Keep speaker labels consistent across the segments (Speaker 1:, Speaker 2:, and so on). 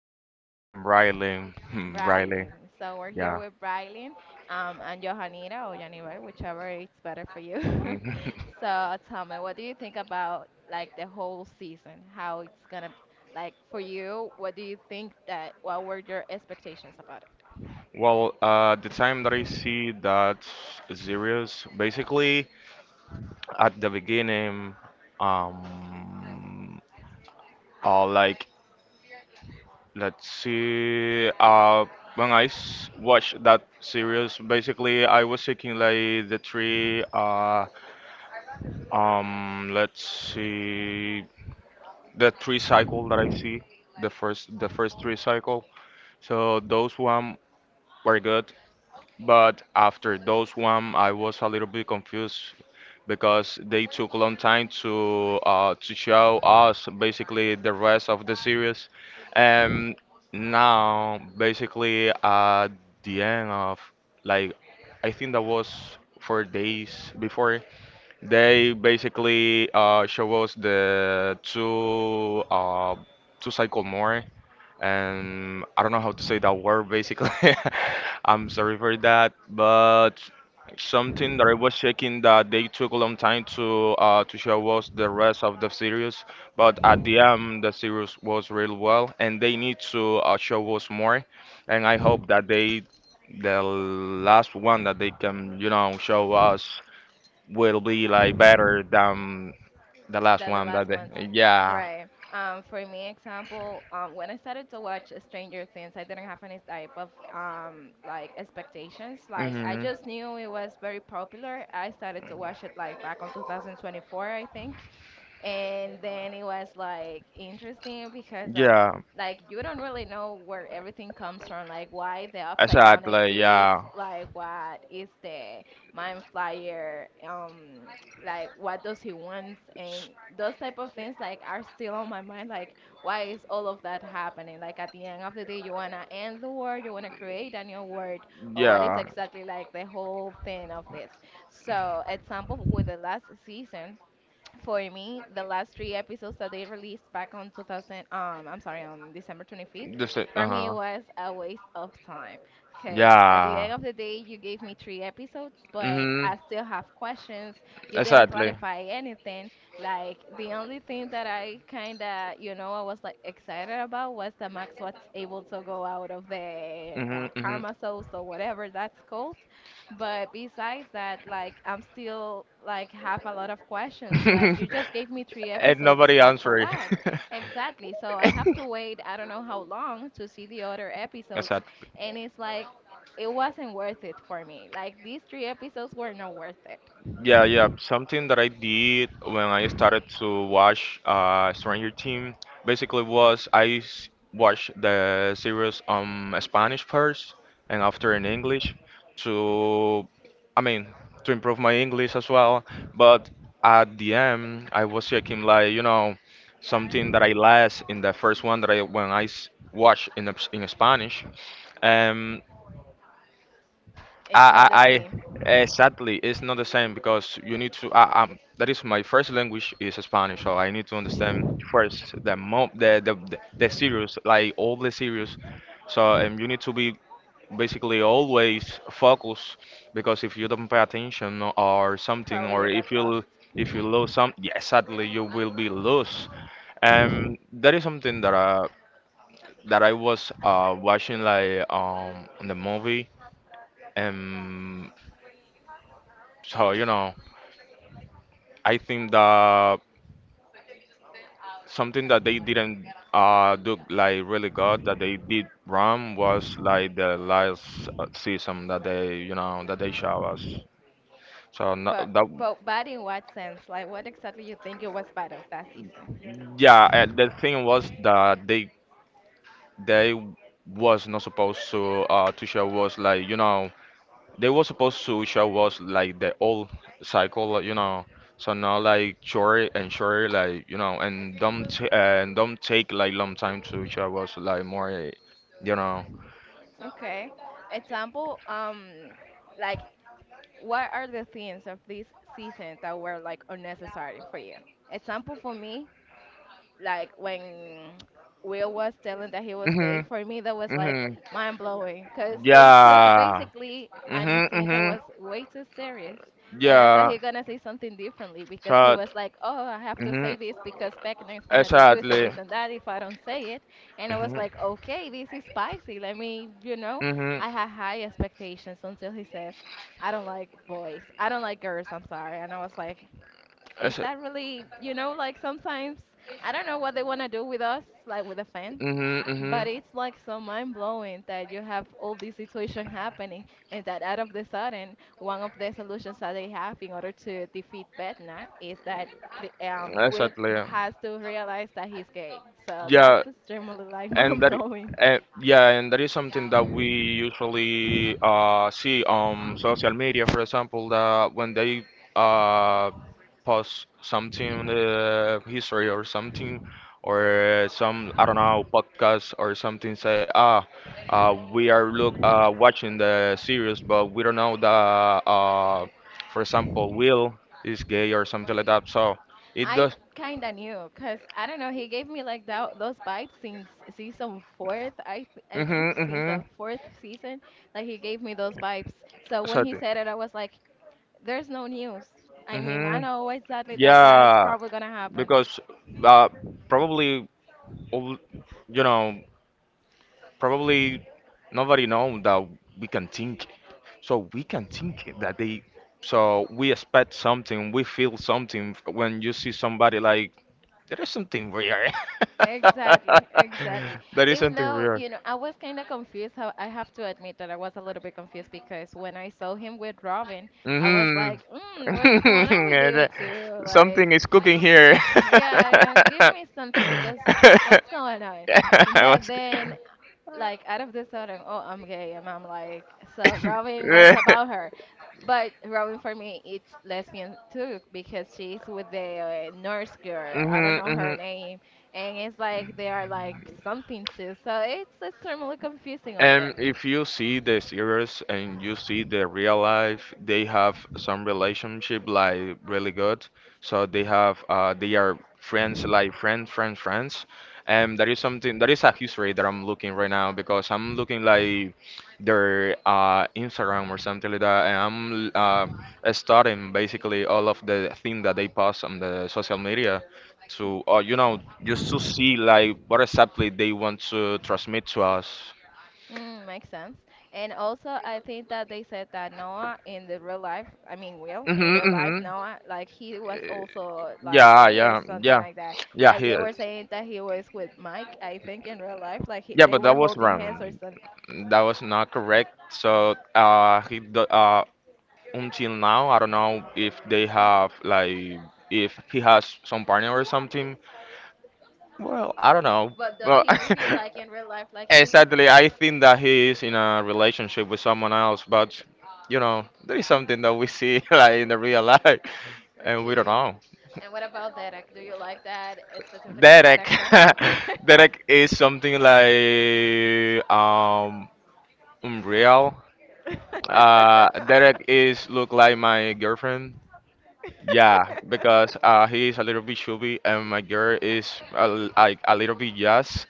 Speaker 1: name? I'm sorry.
Speaker 2: I'm Riley. Hmm, Riley.
Speaker 1: Brylin. So we're here
Speaker 2: Yeah.
Speaker 1: with Brylin and Johanita or Janibel, whichever is better for you.
Speaker 2: Mhm.
Speaker 1: So tell me, what do you think about like the whole season? How it's gonna like for you? What do you think that? What were your expectations about
Speaker 2: Well, the time that I see that serious, basically at the beginning, um, or like let's see, when I s watched that series, basically I was seeking like the three, let's see, the three cycle that I see, the first three cycle. So those one were good, but after those one, I was a little bit confused because they took a long time to show us basically the rest of the series, and now basically at the end of like I think that was four days before they basically show us the two two cycle more, and I don't know how to say that word basically. I'm sorry for that, but something that I was checking that they took a long time to show was the rest of the series, but at the end the series was real well, and they need to show us more, and I hope that they the last one that they can you know show us will be like better than the last
Speaker 1: that? The
Speaker 2: one
Speaker 1: last
Speaker 2: that
Speaker 1: ones,
Speaker 2: they yeah.
Speaker 1: right? For me, example, when I started to watch Stranger Things I didn't have any type of like expectations. Like I
Speaker 2: Hmm,
Speaker 1: just knew it was very popular. I started to watch it like back on 2024, I think, and then it was like interesting because of,
Speaker 2: yeah,
Speaker 1: like, you don't really know where everything comes from. Like, why the upside down
Speaker 2: exactly.
Speaker 1: exists,
Speaker 2: Yeah.
Speaker 1: like what is the mind flyer, like what does he want? And
Speaker 2: S-
Speaker 1: those type of things like are still on my mind. Like, why is all of that happening? Like at the end of the day, you want to end the world, you want to create a new world, or what is
Speaker 2: Yeah,
Speaker 1: exactly like the whole thing of this? So example, with the last season, for me, the last three episodes that they released back on 2000, I'm sorry, on December 25th,
Speaker 2: just uh
Speaker 1: for me it
Speaker 2: huh.
Speaker 1: was a waste of time. Because at the
Speaker 2: Yeah.
Speaker 1: end of the day, you gave me three episodes, but
Speaker 2: Mhm.
Speaker 1: I still have questions. You didn't
Speaker 2: Exactly.
Speaker 1: clarify anything. Like, the only thing that I kind of, you know, I was like excited about was that Max was able to go out of the
Speaker 2: Mhm. Mhm.
Speaker 1: karma souls or whatever that's called. But besides that, like I'm still like have a lot of questions. Like, you just gave me three
Speaker 2: And
Speaker 1: episodes,
Speaker 2: nobody
Speaker 1: like for
Speaker 2: answering.
Speaker 1: what? Exactly. So I have to wait I don't know how long to see the other episodes,
Speaker 2: Exactly.
Speaker 1: and it's like it wasn't worth it for me. Like, these three episodes were not worth it.
Speaker 2: Yeah, yeah. Something that I did when I started to watch Stranger Things basically was I watched the series on Spanish first, and after in English to, I mean, to improve my English as well. But at the end, I was checking like, you know, something that I lost in the first one that I watched in in Spanish.
Speaker 1: It's not
Speaker 2: I,
Speaker 1: the
Speaker 2: I,
Speaker 1: same.
Speaker 2: I exactly. It's not the same because you need to. I, that is my first language is Spanish, so I need to understand first the mo the series, like all the series. So you need to be basically always focused because if you don't pay attention or something,
Speaker 1: Probably
Speaker 2: or
Speaker 1: you get lost.
Speaker 2: if you lose some, yeah, sadly you will be lost. That is something that that I was watching like on the movie. Um, so you know. I think that something that they didn't do like really good that they did wrong was like the last season that they you know that they show us. So no,
Speaker 1: But
Speaker 2: that
Speaker 1: but bad in what sense? Like, what exactly you think it was bad of that season?
Speaker 2: yeah, the thing was that they was not supposed to show us like you know they were supposed to show was like the old cycle, you know, so now, like short and short, like you know, and don't take like long time to show us like more, you know.
Speaker 1: Okay. Example, like, what are the things of this season that were like unnecessary for you? Example, for me, like when Will was telling that he was gay,
Speaker 2: Mhm.
Speaker 1: for me that was like
Speaker 2: Mhm.
Speaker 1: mind blowing because they took
Speaker 2: Yeah.
Speaker 1: basically an
Speaker 2: Mhm.
Speaker 1: scene that
Speaker 2: Mhm.
Speaker 1: was way too serious, and I thought
Speaker 2: Yeah.
Speaker 1: he gonna say something differently because he
Speaker 2: So.
Speaker 1: was like, "Oh, I have to say
Speaker 2: Mhm.
Speaker 1: this because Beckner is gonna do this and
Speaker 2: Exactly.
Speaker 1: this and that if I don't say it," and I was
Speaker 2: Mhm.
Speaker 1: like, "Okay, this is spicy. Let me, you know,
Speaker 2: Mhm.
Speaker 1: I had high expectations until he says." I don't like boys. I don't like girls. I'm sorry. And I was like, is
Speaker 2: Exa-
Speaker 1: that really, you know, like sometimes I don't know what they want to do with us, like with the fans,
Speaker 2: Mhm. Mhm.
Speaker 1: but it's like so mind blowing that you have all this situation happening and that out of the sudden, one of the solutions that they have in order to defeat Betna is that Will
Speaker 2: Exactly.
Speaker 1: has to realize that he's gay. So
Speaker 2: Yeah.
Speaker 1: that's extremely like
Speaker 2: And
Speaker 1: mind
Speaker 2: that,
Speaker 1: blowing.
Speaker 2: yeah, and that is something that we usually see on social media, for example, that when they uh, post something in the history or something, or some, I don't know, podcast or something, say, ah, we are look watching the series, but we don't know that, uh, for example, Will is gay or something like that. So it
Speaker 1: I
Speaker 2: does.
Speaker 1: kind of knew because I don't know. He gave me like that those vibes since season fourth. I think
Speaker 2: Mm-hmm,
Speaker 1: since the
Speaker 2: mm-hmm.
Speaker 1: fourth season, like he gave me those vibes. So when he
Speaker 2: Exactly.
Speaker 1: said it, I was like, "There's no news." I mean, I
Speaker 2: Mm-hmm.
Speaker 1: know exactly that that's
Speaker 2: Yeah.
Speaker 1: probably gonna happen.
Speaker 2: Because uh, probably all- you know probably nobody know that we can think so we can think that they so we expect something, we feel something when you see somebody like there is something weird.
Speaker 1: Exactly, exactly.
Speaker 2: There is
Speaker 1: Even
Speaker 2: something
Speaker 1: though,
Speaker 2: weird.
Speaker 1: you know, I was kind of confused. How I have to admit that I was a little bit confused because when I saw him with Robin, I was
Speaker 2: Hmm.
Speaker 1: like, mm, what's going on with you two? Like,
Speaker 2: Something is cooking here.
Speaker 1: yeah, yeah, give me something, 'cause
Speaker 2: I
Speaker 1: what's going on? But
Speaker 2: was-
Speaker 1: then, like, out of this sudden, oh, I'm gay, and I'm like, so Robin, what's
Speaker 2: yeah.
Speaker 1: about her? But Robin, for me, it's lesbian too, because she's with the nurse girl. I don't
Speaker 2: Mhm.
Speaker 1: know her
Speaker 2: Mhm.
Speaker 1: name, and it's like they are like something too. So it's extremely confusing over there.
Speaker 2: And if you see the series and you see the real life, they have some relationship like really good. So they have they are friends like friends, friends, friends. And that is something that is a history that I'm looking right now because I'm looking like their Instagram or something like that, and studying basically all of the thing that they post on the social media to, you know, just to see like what exactly they want to transmit to us.
Speaker 1: Mm, makes sense. And also, I think that they said that Noah in the real life, I mean, Will in
Speaker 2: Mhm,
Speaker 1: real life,
Speaker 2: mhm.
Speaker 1: Noah, like he was also like
Speaker 2: Yeah,
Speaker 1: gay or
Speaker 2: yeah,
Speaker 1: something
Speaker 2: yeah,
Speaker 1: like that.
Speaker 2: yeah.
Speaker 1: Like
Speaker 2: He
Speaker 1: they
Speaker 2: is.
Speaker 1: were saying that he was with Mike, I think, in real life, like he,
Speaker 2: Yeah,
Speaker 1: they
Speaker 2: but that
Speaker 1: were
Speaker 2: was
Speaker 1: holding hands or
Speaker 2: wrong.
Speaker 1: something.
Speaker 2: That was not correct. So, he do, until now, I don't know if they have like if he has some partner or something. Well, I don't know.
Speaker 1: But does
Speaker 2: Well,
Speaker 1: he give you like in real life like he's
Speaker 2: exactly. I think that he is in a relationship with someone else, but you know, there is something that we see like in the real life, and we don't
Speaker 1: okay?
Speaker 2: know.
Speaker 1: And what about Derek? Do you like that specifically
Speaker 2: Derek.
Speaker 1: character?
Speaker 2: Derek is something like unreal. Derek is look like my girlfriend. Yeah, because he is a little bit chubby and my girl is like a little bit yes,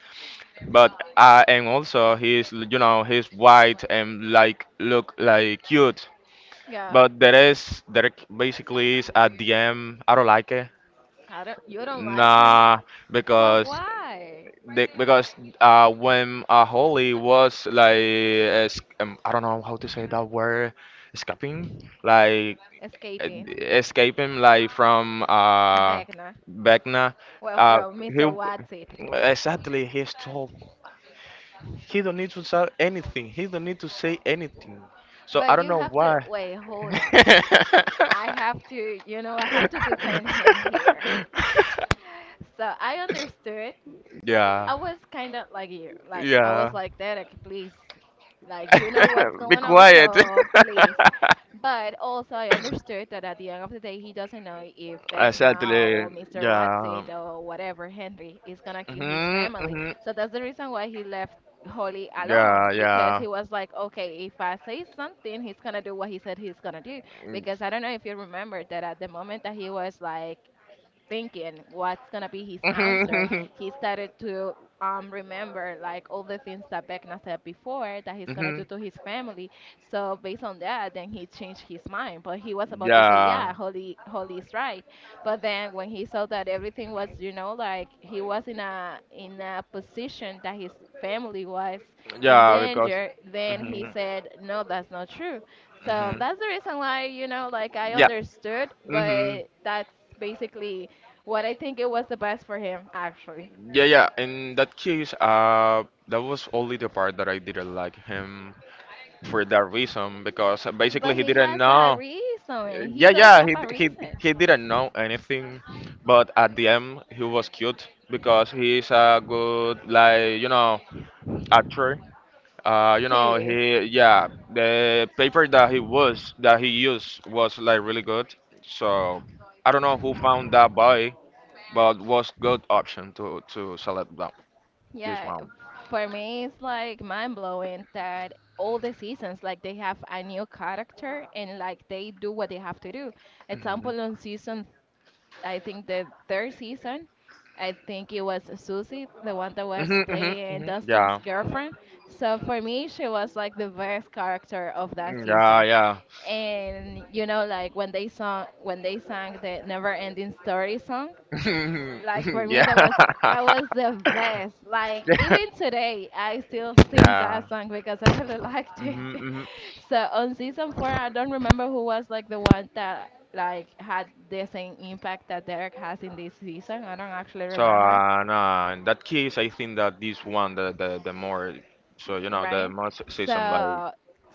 Speaker 2: but and also he is you know he's white and like look like cute.
Speaker 1: Yeah,
Speaker 2: But there is Derek basically is a DM. I don't like it.
Speaker 1: I don't. You don't like him?
Speaker 2: Nah,
Speaker 1: But
Speaker 2: because
Speaker 1: why?
Speaker 2: the, because when Holly was like, es I don't know how to say that word, escaping, like
Speaker 1: Escaping.
Speaker 2: escaping, like from
Speaker 1: Vecna.
Speaker 2: Vecna,
Speaker 1: Well,
Speaker 2: uh,
Speaker 1: from
Speaker 2: he
Speaker 1: Mr. What's It.
Speaker 2: exactly he's told he don't need to say anything. He don't need to say anything. So I
Speaker 1: But
Speaker 2: don't
Speaker 1: you
Speaker 2: know
Speaker 1: have to.
Speaker 2: why.
Speaker 1: Wait, hold on. I have to, you know, I have to defend him here. So I understood
Speaker 2: Yeah,
Speaker 1: I was kind of like you. Like I
Speaker 2: yeah.
Speaker 1: was like Derek, please. Like, you know what's
Speaker 2: Be
Speaker 1: going on,
Speaker 2: quiet.
Speaker 1: so please. But also I understood that at the end of the day he doesn't know if Beck now
Speaker 2: Exactly.
Speaker 1: or Mr. What's
Speaker 2: Yeah.
Speaker 1: it or whatever Henry is gonna kill his
Speaker 2: Mhm.
Speaker 1: family.
Speaker 2: Mhm.
Speaker 1: So that's the reason why he left Holly alone
Speaker 2: Yeah.
Speaker 1: because
Speaker 2: Yeah.
Speaker 1: he was like, okay, if I say something, he's gonna do what he said he's gonna do. Because I don't know if you remember that at the moment that he was like thinking what's gonna be his answer,
Speaker 2: Mhm.
Speaker 1: he started to remember like all the things that Vecna said before that he's gonna do
Speaker 2: Mhm.
Speaker 1: to his family. So based on that, then he changed his mind. But he was about to say, yeah,
Speaker 2: Yeah.
Speaker 1: Holly, Holly is right. But then when he saw that everything was, you know, like he was in a position that his family was in
Speaker 2: Yeah. Because.
Speaker 1: danger, then he
Speaker 2: Mhm.
Speaker 1: said, no, that's not true. So
Speaker 2: Mhm.
Speaker 1: that's the reason why, you know, like I
Speaker 2: Yeah.
Speaker 1: understood,
Speaker 2: Mhm.
Speaker 1: but that's basically what I think it was the best for him, actually.
Speaker 2: Yeah. Yeah. In that case, that was only the part that I didn't like him for that reason because
Speaker 1: But
Speaker 2: basically he
Speaker 1: he
Speaker 2: didn't
Speaker 1: has a
Speaker 2: know.
Speaker 1: reason. He
Speaker 2: Yeah.
Speaker 1: does
Speaker 2: Yeah.
Speaker 1: have
Speaker 2: He
Speaker 1: a
Speaker 2: he
Speaker 1: reason.
Speaker 2: he didn't know anything, but at the end he was cute because he's a good like you know actor. You
Speaker 1: He
Speaker 2: know,
Speaker 1: is.
Speaker 2: he yeah, the paper that he used was like really good. So I don't know who found that boy, but was good option to select that this
Speaker 1: Yeah,
Speaker 2: one.
Speaker 1: for me, it's like mind blowing that all the seasons, like they have a new character and like they do what they have to do.
Speaker 2: Hmm
Speaker 1: Example, on season, I think the third season, I think it was Susie, the one that was
Speaker 2: hmm hmm
Speaker 1: playing
Speaker 2: hmm.
Speaker 1: Dustin's
Speaker 2: Yeah,
Speaker 1: girlfriend. So for me, she was like the best character of that
Speaker 2: yeah,
Speaker 1: season.
Speaker 2: yeah,
Speaker 1: And you know, like when they sang the Never Ending Story song, like for me
Speaker 2: yeah,
Speaker 1: that was the best. Like, even today I still sing that
Speaker 2: yeah.
Speaker 1: song because I really liked it.
Speaker 2: Hmm hmm.
Speaker 1: So on season four, I don't remember who was like the one that like had the same impact that Derek has in this season. I don't actually
Speaker 2: So
Speaker 1: remember,
Speaker 2: no, in that case, I think that this one the more so you know the
Speaker 1: right?
Speaker 2: say some like.
Speaker 1: So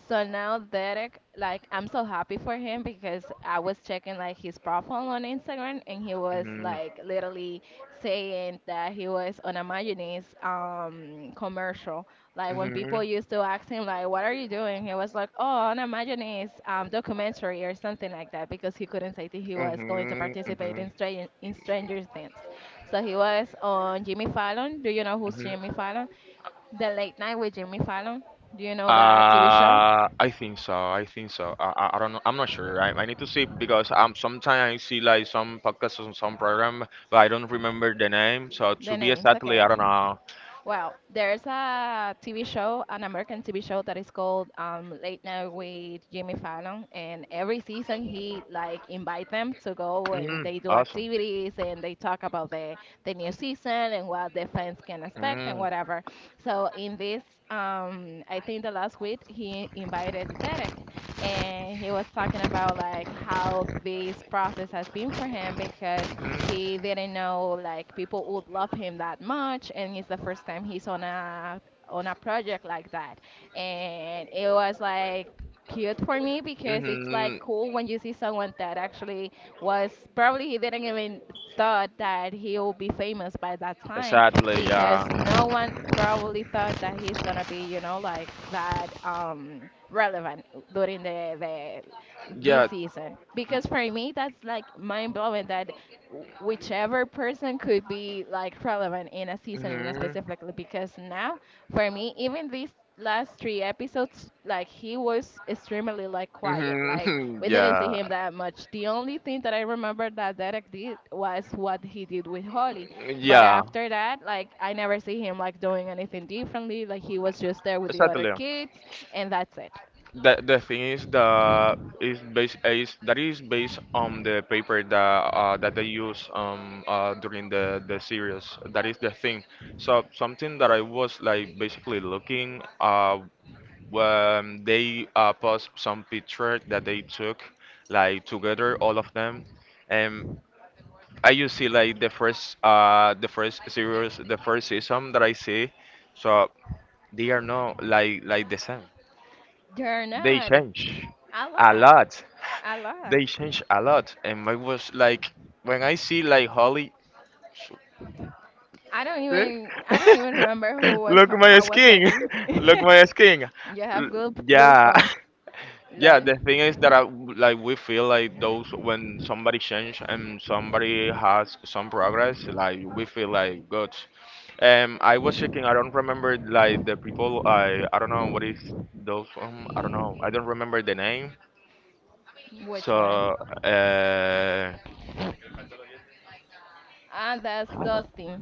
Speaker 1: so now Derek, like I'm so happy for him because I was checking like his profile on Instagram and he was
Speaker 2: Mhm.
Speaker 1: like literally saying that he was on a mayonnaise commercial. Like when
Speaker 2: Mhm.
Speaker 1: people used to ask him like what are you doing? He was like, "Oh, on a mayonnaise documentary or something like that," because he couldn't say that he was going to
Speaker 2: Mhm.
Speaker 1: participate
Speaker 2: Mhm.
Speaker 1: in Stranger Things. So he was on Jimmy Fallon. Do you know who's
Speaker 2: Mhm.
Speaker 1: Jimmy Fallon? The Late Night with Jimmy Fallon. Do you know that TV show?
Speaker 2: I think so. I think so. I don't know. I'm not sure. I need to see because sometimes I see like some podcasts on some program, but I don't remember the name. So to
Speaker 1: The
Speaker 2: be
Speaker 1: names,
Speaker 2: exactly, I
Speaker 1: okay.
Speaker 2: don't know.
Speaker 1: Well, there's a TV show, an American TV show that is called Late Night with Jimmy Fallon, and every season he like invite them to go and
Speaker 2: Mm,
Speaker 1: they do
Speaker 2: awesome.
Speaker 1: activities and they talk about the new season and what the fans can expect and
Speaker 2: Mm,
Speaker 1: whatever. So in this, I think the last week he invited Derek, and he was talking about like how this process has been for him because he didn't know like people would love him that much, and it's the first time he's on a project like that, and it was like cute for me
Speaker 2: hmm
Speaker 1: because it's like
Speaker 2: hmm.
Speaker 1: cool when you see someone that actually was probably he didn't even thought that he'll be famous by that time
Speaker 2: Exactly. Yeah.
Speaker 1: because no one probably thought that he's gonna be like that relevant during the this
Speaker 2: Yeah.
Speaker 1: season because for me that's like mind blowing that whichever person could be like relevant in a season in a
Speaker 2: Hmm
Speaker 1: specifically because now for me even these last three episodes like he was extremely like quiet like
Speaker 2: hmm.
Speaker 1: we didn't see
Speaker 2: Yeah.
Speaker 1: him that much. The only thing that I remember that Derek did was what he did with Holly, but
Speaker 2: Yeah.
Speaker 1: after that like I never see him like doing anything differently like he was just there with the other
Speaker 2: Exactly.
Speaker 1: kids and that's it.
Speaker 2: The thing is that is that is based on the paper that that they use during the series. That is the thing. So something that I was like basically looking when they post some picture that they took like together all of them, and I you see like the first series the first season that I see, so they are not like like the same.
Speaker 1: They're
Speaker 2: They
Speaker 1: not.
Speaker 2: change
Speaker 1: A
Speaker 2: a
Speaker 1: lot.
Speaker 2: lot.
Speaker 1: A
Speaker 2: They
Speaker 1: lot.
Speaker 2: change a lot. And I was like, when I see like Holly,
Speaker 1: I don't even
Speaker 2: eh?
Speaker 1: I don't even remember who was
Speaker 2: Look my
Speaker 1: how was
Speaker 2: skin,
Speaker 1: Holly.
Speaker 2: look my skin.
Speaker 1: You have
Speaker 2: L-
Speaker 1: goose
Speaker 2: Yeah,
Speaker 1: goosebumps.
Speaker 2: yeah.
Speaker 1: Lol.
Speaker 2: The thing is that I, like we feel like those when somebody change and somebody has some progress, like we feel like good. I was checking. I don't remember like the people. I don't know what is those. I don't know. I don't remember the name.
Speaker 1: Which one?
Speaker 2: So, uh,
Speaker 1: Ah, that's Dusty.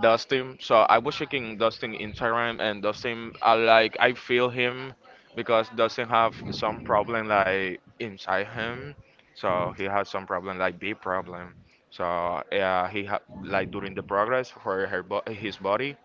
Speaker 2: Dustin. So I was checking Dustin Instagram, and Dustin, I like, I feel him because Dustin have some problem like inside him. So he has some problem like big problem. So yeah, he ha like during the progress for her bo his body,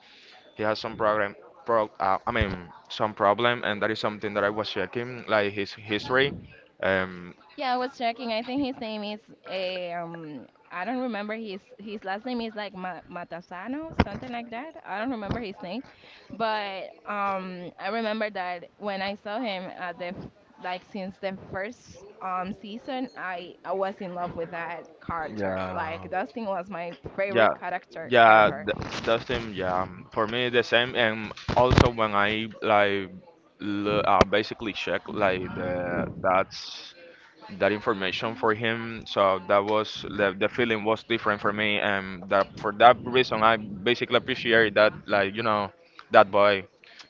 Speaker 2: he has some problem. Pro I mean, some problem, and that is something that I was checking, like his history. Um,
Speaker 1: Yeah, I was checking. I think his name is I don't remember his last name is like Ma Matasano, something like that. I don't remember his name, but I remember that when I saw him at like since the first season, I was in love with that character.
Speaker 2: Yeah,
Speaker 1: Like Dustin was my favorite
Speaker 2: yeah,
Speaker 1: character
Speaker 2: yeah,
Speaker 1: ever.
Speaker 2: th that's same. Yeah, for me the same. And also when I like l basically check like the that's that information for him, so that was the feeling was different for me, and that for that reason I basically appreciate that like you know that boy.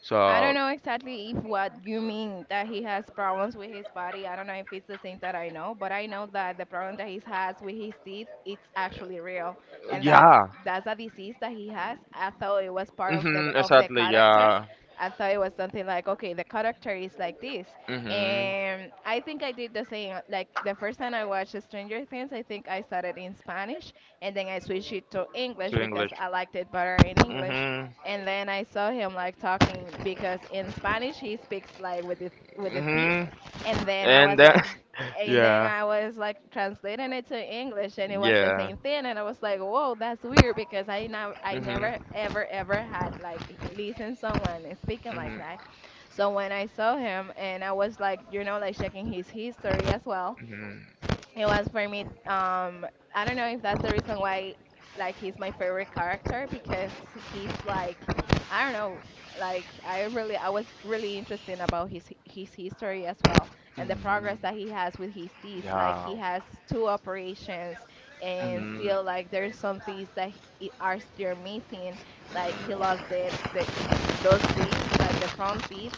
Speaker 2: So
Speaker 1: I don't know exactly if what you mean that he has problems with his body. I don't know if it's the same that I know, but I know that the problem that he has with his teeth it's actually real, and that's
Speaker 2: yeah,
Speaker 1: that's a disease that he has. I thought it was part of the
Speaker 2: mm-hmm,
Speaker 1: of the
Speaker 2: exactly.
Speaker 1: character.
Speaker 2: Yeah,
Speaker 1: I thought it was something like okay, the character is like this,
Speaker 2: mm-hmm,
Speaker 1: and I think I did the same. Like the first time I watched Stranger Things, I think I started in Spanish, and then I switched it to English
Speaker 2: to
Speaker 1: because
Speaker 2: English.
Speaker 1: I liked it better in English,
Speaker 2: Mm-hmm,
Speaker 1: and then I saw him like talking because in Spanish he speaks like with a T,
Speaker 2: mm-hmm,
Speaker 1: and then I
Speaker 2: and
Speaker 1: was
Speaker 2: then yeah,
Speaker 1: like translating it to English, and it was the
Speaker 2: yeah.
Speaker 1: same thing, and I was like, whoa, that's weird because I now I never
Speaker 2: Mhm.
Speaker 1: ever ever had like listened someone speaking like
Speaker 2: Mhm.
Speaker 1: that, so when I saw him and I was like, like checking his history as well.
Speaker 2: Mhm.
Speaker 1: It was for me, um I don't know if that's the reason why like he's my favorite character because he's like I don't know, like I was really interested about his history as well, and the
Speaker 2: Mm,
Speaker 1: progress that he has with his teeth like
Speaker 2: yeah,
Speaker 1: he has two operations, and
Speaker 2: mhm.
Speaker 1: still like there's some things that are still missing. Like he lost the those teeth like the front teeth.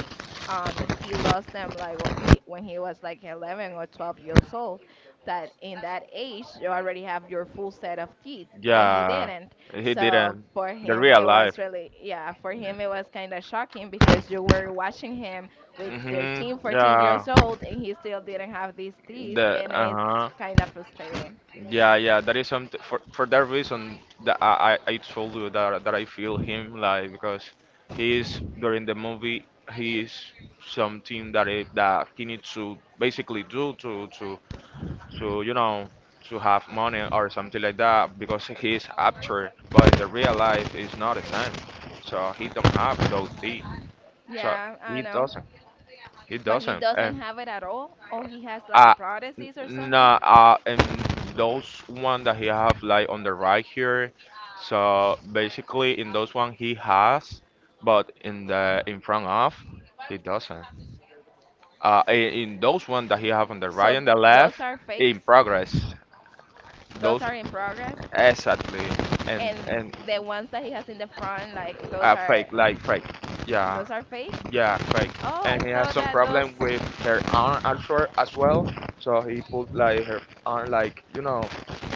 Speaker 1: He lost them like when he was like 11 or 12 years old. That in that age you already have your full set of teeth, but he
Speaker 2: Yeah,
Speaker 1: didn't.
Speaker 2: he
Speaker 1: So
Speaker 2: didn't.
Speaker 1: for
Speaker 2: The
Speaker 1: him
Speaker 2: real
Speaker 1: it
Speaker 2: life.
Speaker 1: was really, yeah, for him it was kind of shocking because you were watching him with
Speaker 2: Mhm.
Speaker 1: 13 14
Speaker 2: Yeah,
Speaker 1: years old and he still didn't have these teeth
Speaker 2: the
Speaker 1: and it's
Speaker 2: uh-huh.
Speaker 1: kind of frustrating.
Speaker 2: Yeah, yeah, that is something for that reason that I told you that I feel him like because he is during the movie he is something that he needs to basically do to to have money or something like that because he's after, but the real life is not the same, so he don't have those things. So
Speaker 1: Yeah, I
Speaker 2: he
Speaker 1: know.
Speaker 2: doesn't,
Speaker 1: But he doesn't
Speaker 2: and
Speaker 1: have it at all, or he has like a
Speaker 2: uh
Speaker 1: prosthesis or something.
Speaker 2: and those one that he have like on the right here. So basically in those one he has, but in the in front of he doesn't. uh in, in those one that he have on the right
Speaker 1: So
Speaker 2: and the
Speaker 1: those
Speaker 2: left
Speaker 1: are
Speaker 2: in
Speaker 1: fakes.
Speaker 2: progress.
Speaker 1: Those
Speaker 2: Those
Speaker 1: are in progress.
Speaker 2: exactly. And
Speaker 1: And
Speaker 2: and
Speaker 1: the ones that he has in the front like those are
Speaker 2: fake, like fake. Yeah,
Speaker 1: those are fake.
Speaker 2: yeah, fake.
Speaker 1: Oh,
Speaker 2: And
Speaker 1: I
Speaker 2: he has
Speaker 1: thought
Speaker 2: some
Speaker 1: that
Speaker 2: problem
Speaker 1: those
Speaker 2: with her arm also as well. So he put like her arm, like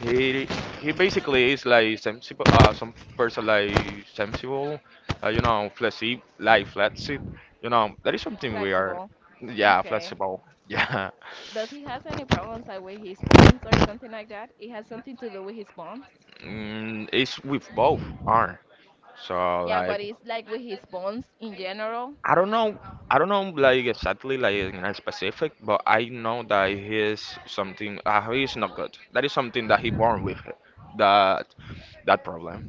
Speaker 2: he basically is like sensible. Some person like sensible. You know, flexi like flexi. You know, that is something weird.
Speaker 1: flexible.
Speaker 2: Yeah,
Speaker 1: Okay.
Speaker 2: flexible. Yeah.
Speaker 1: Does he has any problems like with his bones or something like that? It has something to do with his bones.
Speaker 2: Mm, it's with both arm. So
Speaker 1: Yeah,
Speaker 2: like
Speaker 1: but it's like with his bones in general.
Speaker 2: I don't know. I don't know like exactly like in a specific, but I know that he is something. He is not good. That is something that he born with. That that problem.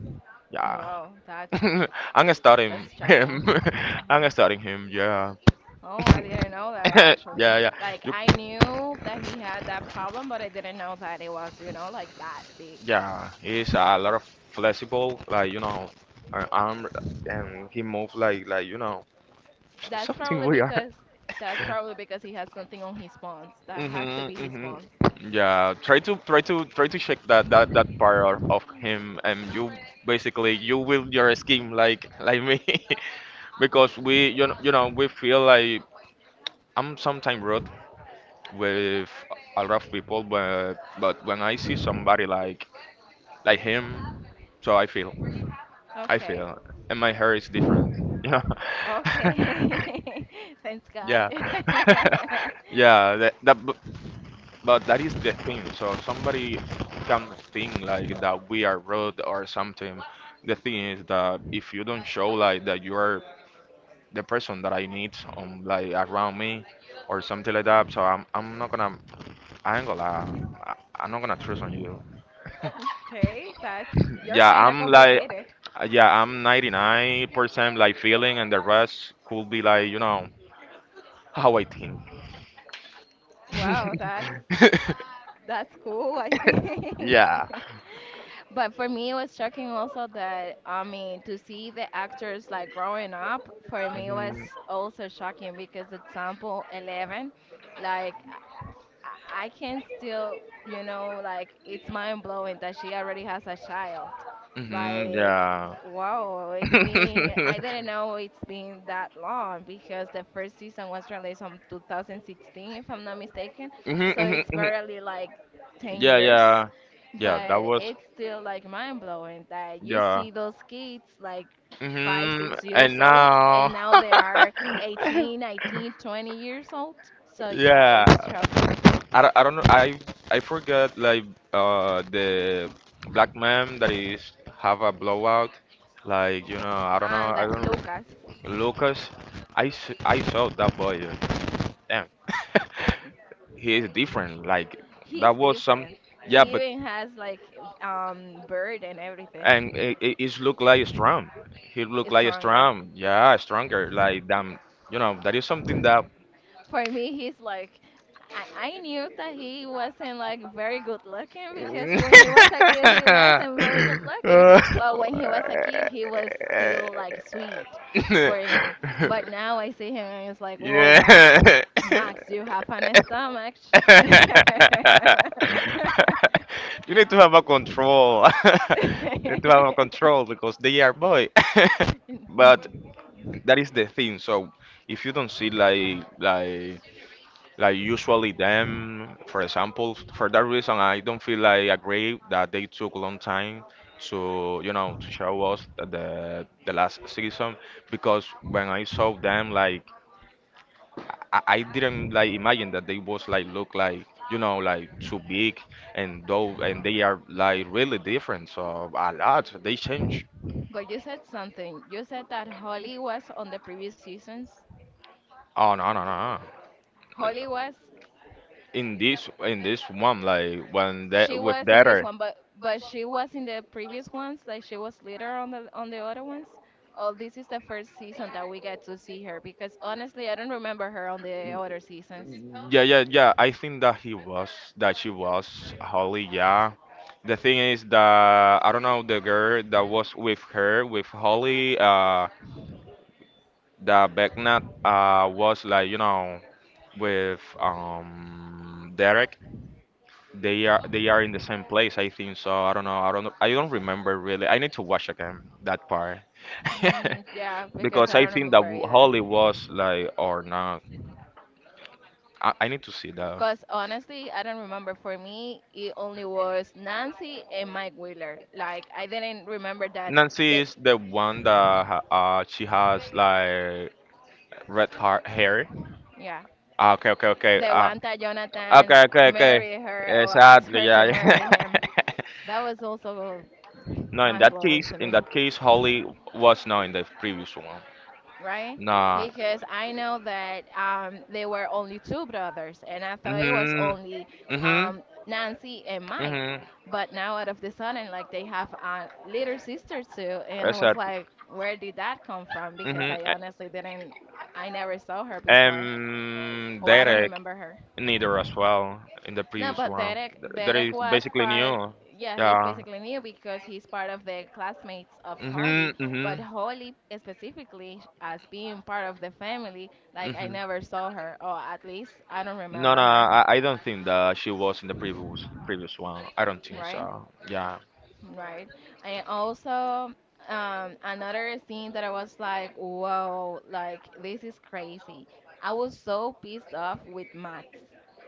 Speaker 2: Yeah.
Speaker 1: Wow, that's
Speaker 2: I'm starting
Speaker 1: that's
Speaker 2: him.
Speaker 1: shocking.
Speaker 2: I'm starting him. Yeah.
Speaker 1: Oh, I didn't know that actually.
Speaker 2: yeah. Yeah.
Speaker 1: Like
Speaker 2: You,
Speaker 1: I knew that he had that problem, but I didn't know that it was, like that big.
Speaker 2: yeah. He's a lot of flexible. Like arm and he move like
Speaker 1: That's
Speaker 2: something
Speaker 1: probably
Speaker 2: weird.
Speaker 1: because that's probably because he has something on his bones. That has to
Speaker 2: Hmm.
Speaker 1: be his
Speaker 2: Hmm.
Speaker 1: bones.
Speaker 2: Yeah, try to try to check that that part of him, and you basically you will your scheme like me, because we you know we feel like I'm sometimes rude with a lot of people, but when I see somebody like him, so I feel. I
Speaker 1: Okay.
Speaker 2: feel, and my hair is different. You know?
Speaker 1: Okay. Thanks God.
Speaker 2: Yeah, yeah. That but that is the thing. So somebody can think like that we are rude or something. The thing is that if you don't show like that you are the person that I need like around me or something like that, so I'm not gonna. I ain't gonna lie. I'm not gonna trust on you.
Speaker 1: Okay, that's you're
Speaker 2: Yeah,
Speaker 1: kind of
Speaker 2: I'm like
Speaker 1: complicated.
Speaker 2: yeah, I'm 99% like feeling and the rest could be like, you know, how I think.
Speaker 1: Wow, that's cool, I think.
Speaker 2: Yeah.
Speaker 1: But for me, it was shocking also that I mean to see the actors like growing up. For me, was also shocking because example eleven, like I I can still, like it's mind blowing that she already has a child.
Speaker 2: Hmm.
Speaker 1: Like,
Speaker 2: Yeah.
Speaker 1: wow, it's been,
Speaker 2: Hmm.
Speaker 1: I didn't know it's been that long because the first season was released on 2016, if I'm not mistaken. So it's
Speaker 2: Hmm.
Speaker 1: barely like 10
Speaker 2: Yeah,
Speaker 1: years.
Speaker 2: yeah, yeah. That
Speaker 1: But
Speaker 2: was
Speaker 1: it's still like mind blowing that you
Speaker 2: yeah.
Speaker 1: see those kids like 5,
Speaker 2: Hmm.
Speaker 1: six
Speaker 2: And
Speaker 1: years old, and
Speaker 2: now,
Speaker 1: now they are 18, 19, 20 years old. So yeah,
Speaker 2: yeah.
Speaker 1: it's shocking.
Speaker 2: I don't know. I forgot like the black man that is have a blowout. Like you know, I don't know.
Speaker 1: And
Speaker 2: I
Speaker 1: that
Speaker 2: don't.
Speaker 1: Lucas,
Speaker 2: Lucas, I saw that boy. Damn, he is different. Like
Speaker 1: he's
Speaker 2: that was some.
Speaker 1: different.
Speaker 2: Yeah,
Speaker 1: He
Speaker 2: but
Speaker 1: even has like bird and
Speaker 2: and
Speaker 1: everything.
Speaker 2: it look like strong. He look
Speaker 1: It's
Speaker 2: like
Speaker 1: stronger.
Speaker 2: strong, yeah, stronger. Like damn, you know, that is something that.
Speaker 1: For me, he's like, I knew that he wasn't like very good looking because when he was a kid, he wasn't very good looking. But when he was a kid, he was still like sweet for me. But now I see him and it's like, whoa, Max,
Speaker 2: Yeah.
Speaker 1: Max, you have a nice stomach.
Speaker 2: You need to have a control. You need to have a control because they are boy. But that is the thing. So if you don't see like usually them, for example, for that reason, I don't feel like agree that they took a long time to to show us the last season, because when I saw them like I didn't like imagine that they was like look like you know like too big, and they are like really different. So a lot they change.
Speaker 1: But you said something. You said that Holly was on the previous seasons.
Speaker 2: Oh, no.
Speaker 1: Holly was
Speaker 2: In this one like when
Speaker 1: She
Speaker 2: that with
Speaker 1: was in
Speaker 2: that,
Speaker 1: this one, but she was in the previous ones. Like she was later on the other ones. Oh, this is the first season that we get to see her because honestly, I don't remember her on the other seasons.
Speaker 2: yeah, yeah, yeah, I think that he was that she was Holly, yeah. The thing is that I don't know the girl that was with her with Holly, that Becknat, was like you know with Derek. They are in the same place, I think so. I don't know. I don't remember really. I need to watch again that part.
Speaker 1: Mm, yeah, because
Speaker 2: Because
Speaker 1: I
Speaker 2: I
Speaker 1: don't
Speaker 2: think that
Speaker 1: remember either.
Speaker 2: Holly was like or not. I need to see that.
Speaker 1: Cause honestly, I don't remember. For me, it only was Nancy and Mike Wheeler. Like I didn't remember that
Speaker 2: Nancy
Speaker 1: they,
Speaker 2: is the one that she has like red har hair.
Speaker 1: yeah,
Speaker 2: Ah, okay, okay, okay.
Speaker 1: the
Speaker 2: Ah,
Speaker 1: one that
Speaker 2: okay,
Speaker 1: Jonathan
Speaker 2: okay, okay.
Speaker 1: married her or asked
Speaker 2: Exactly,
Speaker 1: her to
Speaker 2: yeah.
Speaker 1: marry him.
Speaker 2: Yeah.
Speaker 1: That was also
Speaker 2: No, in
Speaker 1: mind
Speaker 2: that
Speaker 1: blowing
Speaker 2: case,
Speaker 1: to me,
Speaker 2: Holly was not in the previous one.
Speaker 1: right?
Speaker 2: Nah.
Speaker 1: Because I know that, there were only two brothers, and I thought it was
Speaker 2: Mhm.
Speaker 1: only,
Speaker 2: Mhm.
Speaker 1: Nancy and Mike.
Speaker 2: Mhm.
Speaker 1: But now, out of the sudden, like they have a little sister too, and I was
Speaker 2: Exactly.
Speaker 1: like, where did that come from? Because
Speaker 2: Mhm.
Speaker 1: I
Speaker 2: A-
Speaker 1: honestly didn't, I never saw her before. Oh, I don't
Speaker 2: Derek,
Speaker 1: remember her.
Speaker 2: neither as well in the
Speaker 1: No,
Speaker 2: previous
Speaker 1: but
Speaker 2: one.
Speaker 1: Derek,
Speaker 2: Th- That
Speaker 1: Derek
Speaker 2: is
Speaker 1: was
Speaker 2: basically
Speaker 1: part.
Speaker 2: new.
Speaker 1: Yeah, he's
Speaker 2: Yeah.
Speaker 1: basically new because he's part of the classmates of Holly.
Speaker 2: Mhm.
Speaker 1: But
Speaker 2: Mhm.
Speaker 1: Holly specifically, as being part of the family, like I
Speaker 2: Mhm.
Speaker 1: never saw her, or at least I don't
Speaker 2: No,
Speaker 1: remember
Speaker 2: no,
Speaker 1: her,
Speaker 2: I don't think that she was in the previous one. I don't think
Speaker 1: right?
Speaker 2: so. Yeah.
Speaker 1: Right. And also, another scene that I was like, whoa, like this is crazy. I was so pissed off with Matt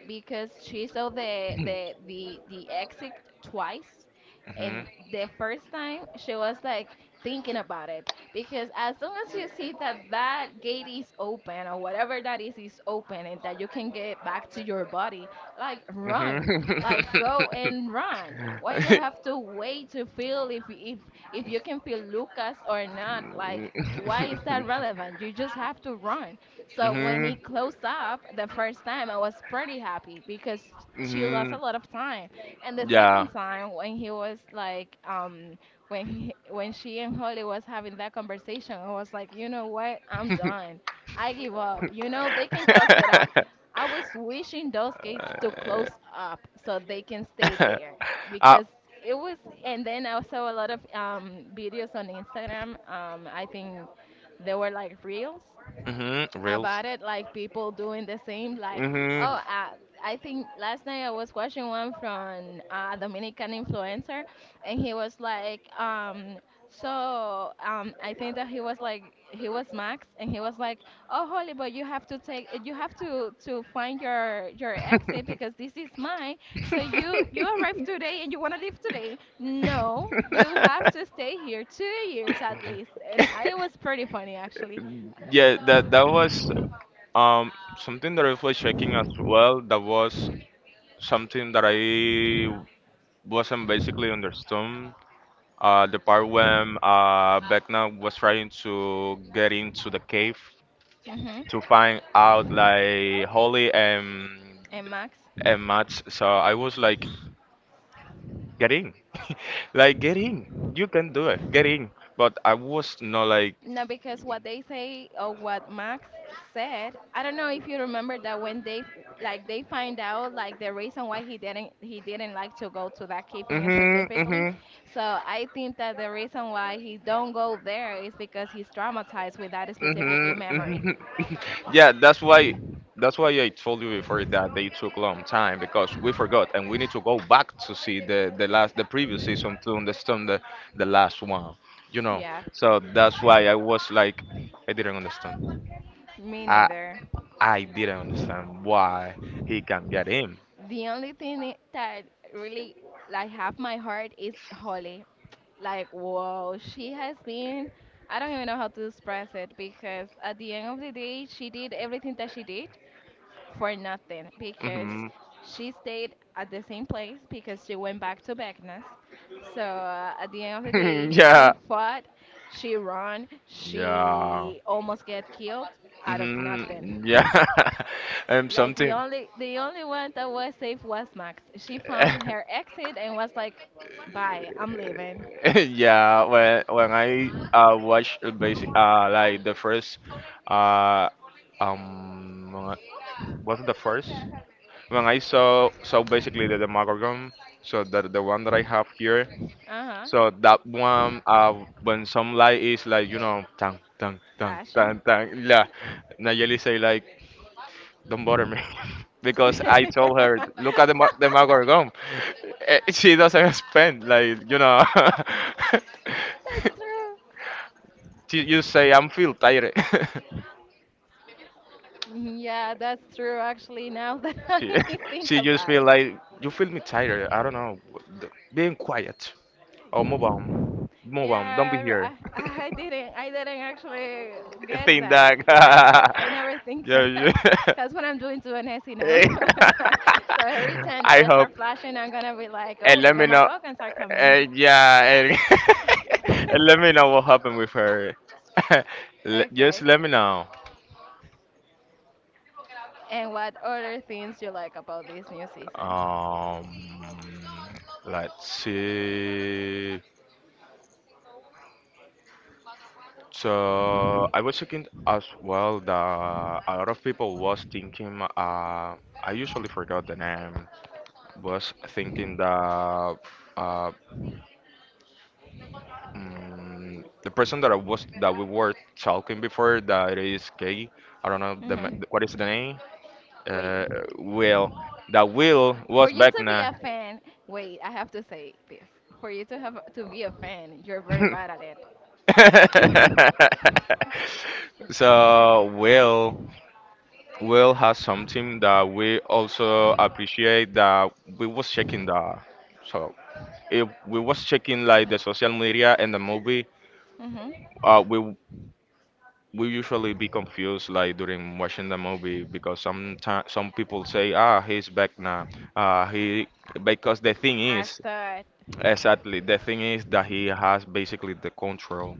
Speaker 1: because she saw the exit twice.
Speaker 2: Hmm.
Speaker 1: And the first time she was like thinking about it because as long as you see that gate is open or whatever that is open and that you can get back to your body, like
Speaker 2: Hmm.
Speaker 1: run, like go and run, why you have to wait to feel if you can feel Lucas or not, like why is that relevant? You just have to run. So when
Speaker 2: Hmm.
Speaker 1: he closed up the first time I was pretty happy because she lost
Speaker 2: Hmm.
Speaker 1: a lot of time. And the
Speaker 2: Yeah.
Speaker 1: second time when he was like when he, when she and Holly was having that conversation, I was like, you know what, I'm
Speaker 2: Uh,
Speaker 1: done. I give up. You know, they can close it up. I was wishing those gates to close up so they can stay there because it was. And then I saw a lot of, videos on Instagram. I think they were like reels
Speaker 2: hmm. Reels.
Speaker 1: about it, like people doing the same. Like,
Speaker 2: Hmm.
Speaker 1: oh, I think last night I was watching one from a Dominican influencer, and he was like, I think that he was Max, and he was like, oh, holy, but you have to find your exit because this is mine. So you arrived today and you want to leave today. No, you have to stay here 2 years at least. And it was pretty funny actually.
Speaker 2: Yeah, that was um something that I was checking as well. That was something that I wasn't basically understood. The part when Vecna was trying to get into the cave
Speaker 1: hmm
Speaker 2: to find out like Holly
Speaker 1: and Max.
Speaker 2: and Matt. So I was like, get in. Like get in. You can do it. Get in. But I was not like
Speaker 1: No, because what they say or what Max said, I don't know if you remember that when they find out like the reason why he didn't like to go to that keeping
Speaker 2: mm-hmm,
Speaker 1: specifically.
Speaker 2: mm-hmm,
Speaker 1: So I think that the reason why he don't go there is because he's traumatized with that specifically
Speaker 2: mm-hmm,
Speaker 1: memory.
Speaker 2: mm-hmm. Yeah, that's why I told you before that they took a long time because we forgot and we need to go back to see the last the previous season to understand the last one. You know.
Speaker 1: Yeah,
Speaker 2: So that's why I was like I didn't understand.
Speaker 1: me
Speaker 2: I
Speaker 1: neither.
Speaker 2: I didn't understand why he can get in.
Speaker 1: The only thing that really like half my heart is Holly. Like, wow, she has been, I don't even know how to express it because at the end of the day she did everything that she did for nothing because
Speaker 2: Hmm.
Speaker 1: she stayed at the same place because she went back to Beckness. So, at the end of the day, she
Speaker 2: Yeah.
Speaker 1: fought, she ran,
Speaker 2: Yeah.
Speaker 1: she almost get killed out of nothing.
Speaker 2: Mm-hmm. Yeah,
Speaker 1: Like the
Speaker 2: something.
Speaker 1: only the only one that was safe was Max. She found her exit and was like, "Bye, I'm leaving."
Speaker 2: Yeah, when I watch basic like the first uh um what's the first when I saw so basically the Demogorgon, so the one that I have here,
Speaker 1: Uh huh.
Speaker 2: so that one when some light is like you know tang tang tang
Speaker 1: Flashing.
Speaker 2: tang tang yeah, Nayeli say like don't bother me because I told her,
Speaker 1: That's
Speaker 2: look at the the Margot. She doesn't spend like you know.
Speaker 1: true.
Speaker 2: You say I'm feel tired.
Speaker 1: Yeah, that's true. Actually, now that I
Speaker 2: she,
Speaker 1: think
Speaker 2: she just
Speaker 1: about
Speaker 2: feel
Speaker 1: it,
Speaker 2: like you feel me tired. I don't know. Being quiet. Oh, move on, move on. Don't be here.
Speaker 1: yeah, I didn't actually get
Speaker 2: Think
Speaker 1: that.
Speaker 2: that.
Speaker 1: Yeah, I never think
Speaker 2: Yeah,
Speaker 1: that.
Speaker 2: yeah.
Speaker 1: That's what I'm doing to an essay now.
Speaker 2: Eh,
Speaker 1: So every time the
Speaker 2: I
Speaker 1: lights are
Speaker 2: hope
Speaker 1: flashing, I'm gonna be like, oh,
Speaker 2: and
Speaker 1: the
Speaker 2: let me know.
Speaker 1: demagogans are coming
Speaker 2: Yeah, and, and
Speaker 1: in.
Speaker 2: let me know what happened with her. Just
Speaker 1: Okay.
Speaker 2: let me know.
Speaker 1: And what other things you like about this new season?
Speaker 2: Um, let's see. So I was thinking as well that a lot of people was thinking. I usually forgot the name. Was thinking that uh, mm, the person that I was that we were talking before that is K. I don't know
Speaker 1: Mm-hmm.
Speaker 2: what is the name.
Speaker 1: Wait.
Speaker 2: Uh, Will. That Will
Speaker 1: For
Speaker 2: was
Speaker 1: you
Speaker 2: back
Speaker 1: to be
Speaker 2: now.
Speaker 1: a fan, wait, I have to say this. For you to have to be a fan, you're very bad at it.
Speaker 2: So Will has something that we also appreciate, that we was checking the so if we was checking like the social media and the movie,
Speaker 1: Mhm.
Speaker 2: we usually be confused like during watching the movie, because some people say ah he's back now, he because the thing
Speaker 1: I, I
Speaker 2: is
Speaker 1: thought.
Speaker 2: exactly. The thing is that he has basically the control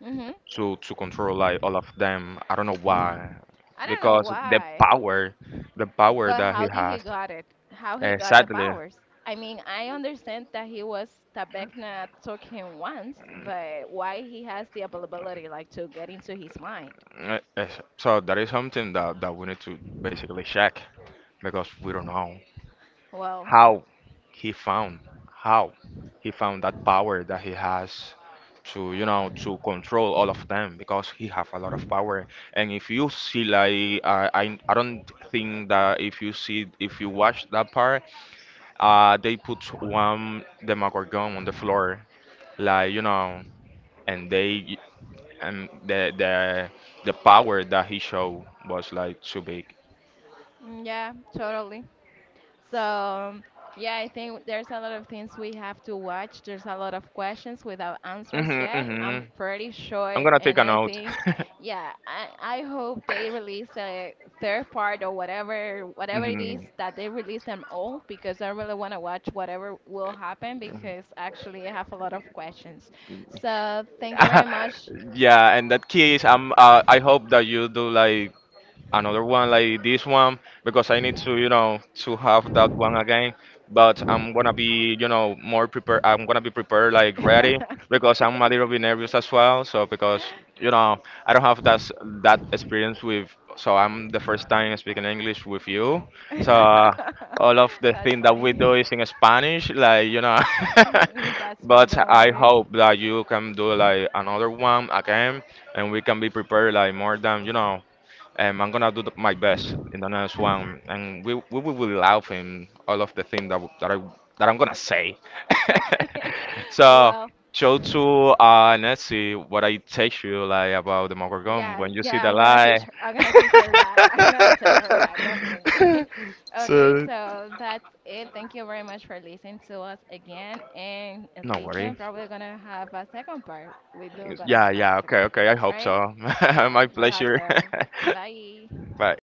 Speaker 1: Mhm.
Speaker 2: to control like all of them. I don't know why,
Speaker 1: I don't know
Speaker 2: because the
Speaker 1: why,
Speaker 2: power
Speaker 1: but
Speaker 2: that he
Speaker 1: how did he
Speaker 2: has
Speaker 1: got it? How he got the
Speaker 2: exactly.
Speaker 1: powers? I mean, I understand that he was Tabekna took him once, but why he has the ability like to get into his mind?
Speaker 2: Eh, eh, so that is something that we need to basically check because we don't know
Speaker 1: Well,
Speaker 2: how he found how he found that power that he has to you know to control all of them, because he have a lot of power. And if you see like I don't think that if you see if you watch that part, they put one Demogorgon on the floor, like you know, and they and the power that he showed was like too big.
Speaker 1: mm, yeah, totally. So, yeah, I think there's a lot of things we have to watch. There's a lot of questions without answers
Speaker 2: Mhm,
Speaker 1: yet. I'm
Speaker 2: mhm.
Speaker 1: pretty
Speaker 2: I'm
Speaker 1: sure,
Speaker 2: gonna take
Speaker 1: and
Speaker 2: a
Speaker 1: I
Speaker 2: note.
Speaker 1: think, yeah, I hope they release a third part or whatever it is
Speaker 2: Mhm.
Speaker 1: that they release them all because I really want to watch whatever will happen because actually I have a lot of questions. So, thank you very much.
Speaker 2: Yeah, and that case, I hope that you do like another one like this one because I need to, you know, to have that one again. But I'm gonna be, you know, more prepared. I'm gonna be prepared, like ready,
Speaker 1: Okay.
Speaker 2: because I'm a little bit nervous as well. So because you know, I don't have that experience with. So I'm the first time speaking English with you. So all of the
Speaker 1: That's
Speaker 2: thing that we do
Speaker 1: fine.
Speaker 2: is in Spanish, like you know.
Speaker 1: That's fine,
Speaker 2: But
Speaker 1: don't
Speaker 2: I
Speaker 1: worry.
Speaker 2: hope that you can do like another one again, and we can be prepared like more than you know I'm gonna do my best in the next one, and we will be laughing all of the things that I that I'm gonna say.
Speaker 1: Okay.
Speaker 2: So,
Speaker 1: Well,
Speaker 2: show to Nancy what I teach you like about the Morgan
Speaker 1: yeah,
Speaker 2: when you see
Speaker 1: yeah,
Speaker 2: the
Speaker 1: I'm gonna teach
Speaker 2: light.
Speaker 1: her. I'm gonna teach her that. I'm gonna tell her that definitely. Okay,
Speaker 2: So,
Speaker 1: so that's it. Thank you very much for listening to us again, and
Speaker 2: no
Speaker 1: stay
Speaker 2: worry.
Speaker 1: tuned. Probably gonna have a second part. We do gonna
Speaker 2: Yeah,
Speaker 1: have a
Speaker 2: yeah,
Speaker 1: second
Speaker 2: okay,
Speaker 1: part,
Speaker 2: okay. I hope
Speaker 1: right?
Speaker 2: so.
Speaker 1: Yeah,
Speaker 2: My
Speaker 1: we hope
Speaker 2: pleasure.
Speaker 1: so. Bye.
Speaker 2: Bye.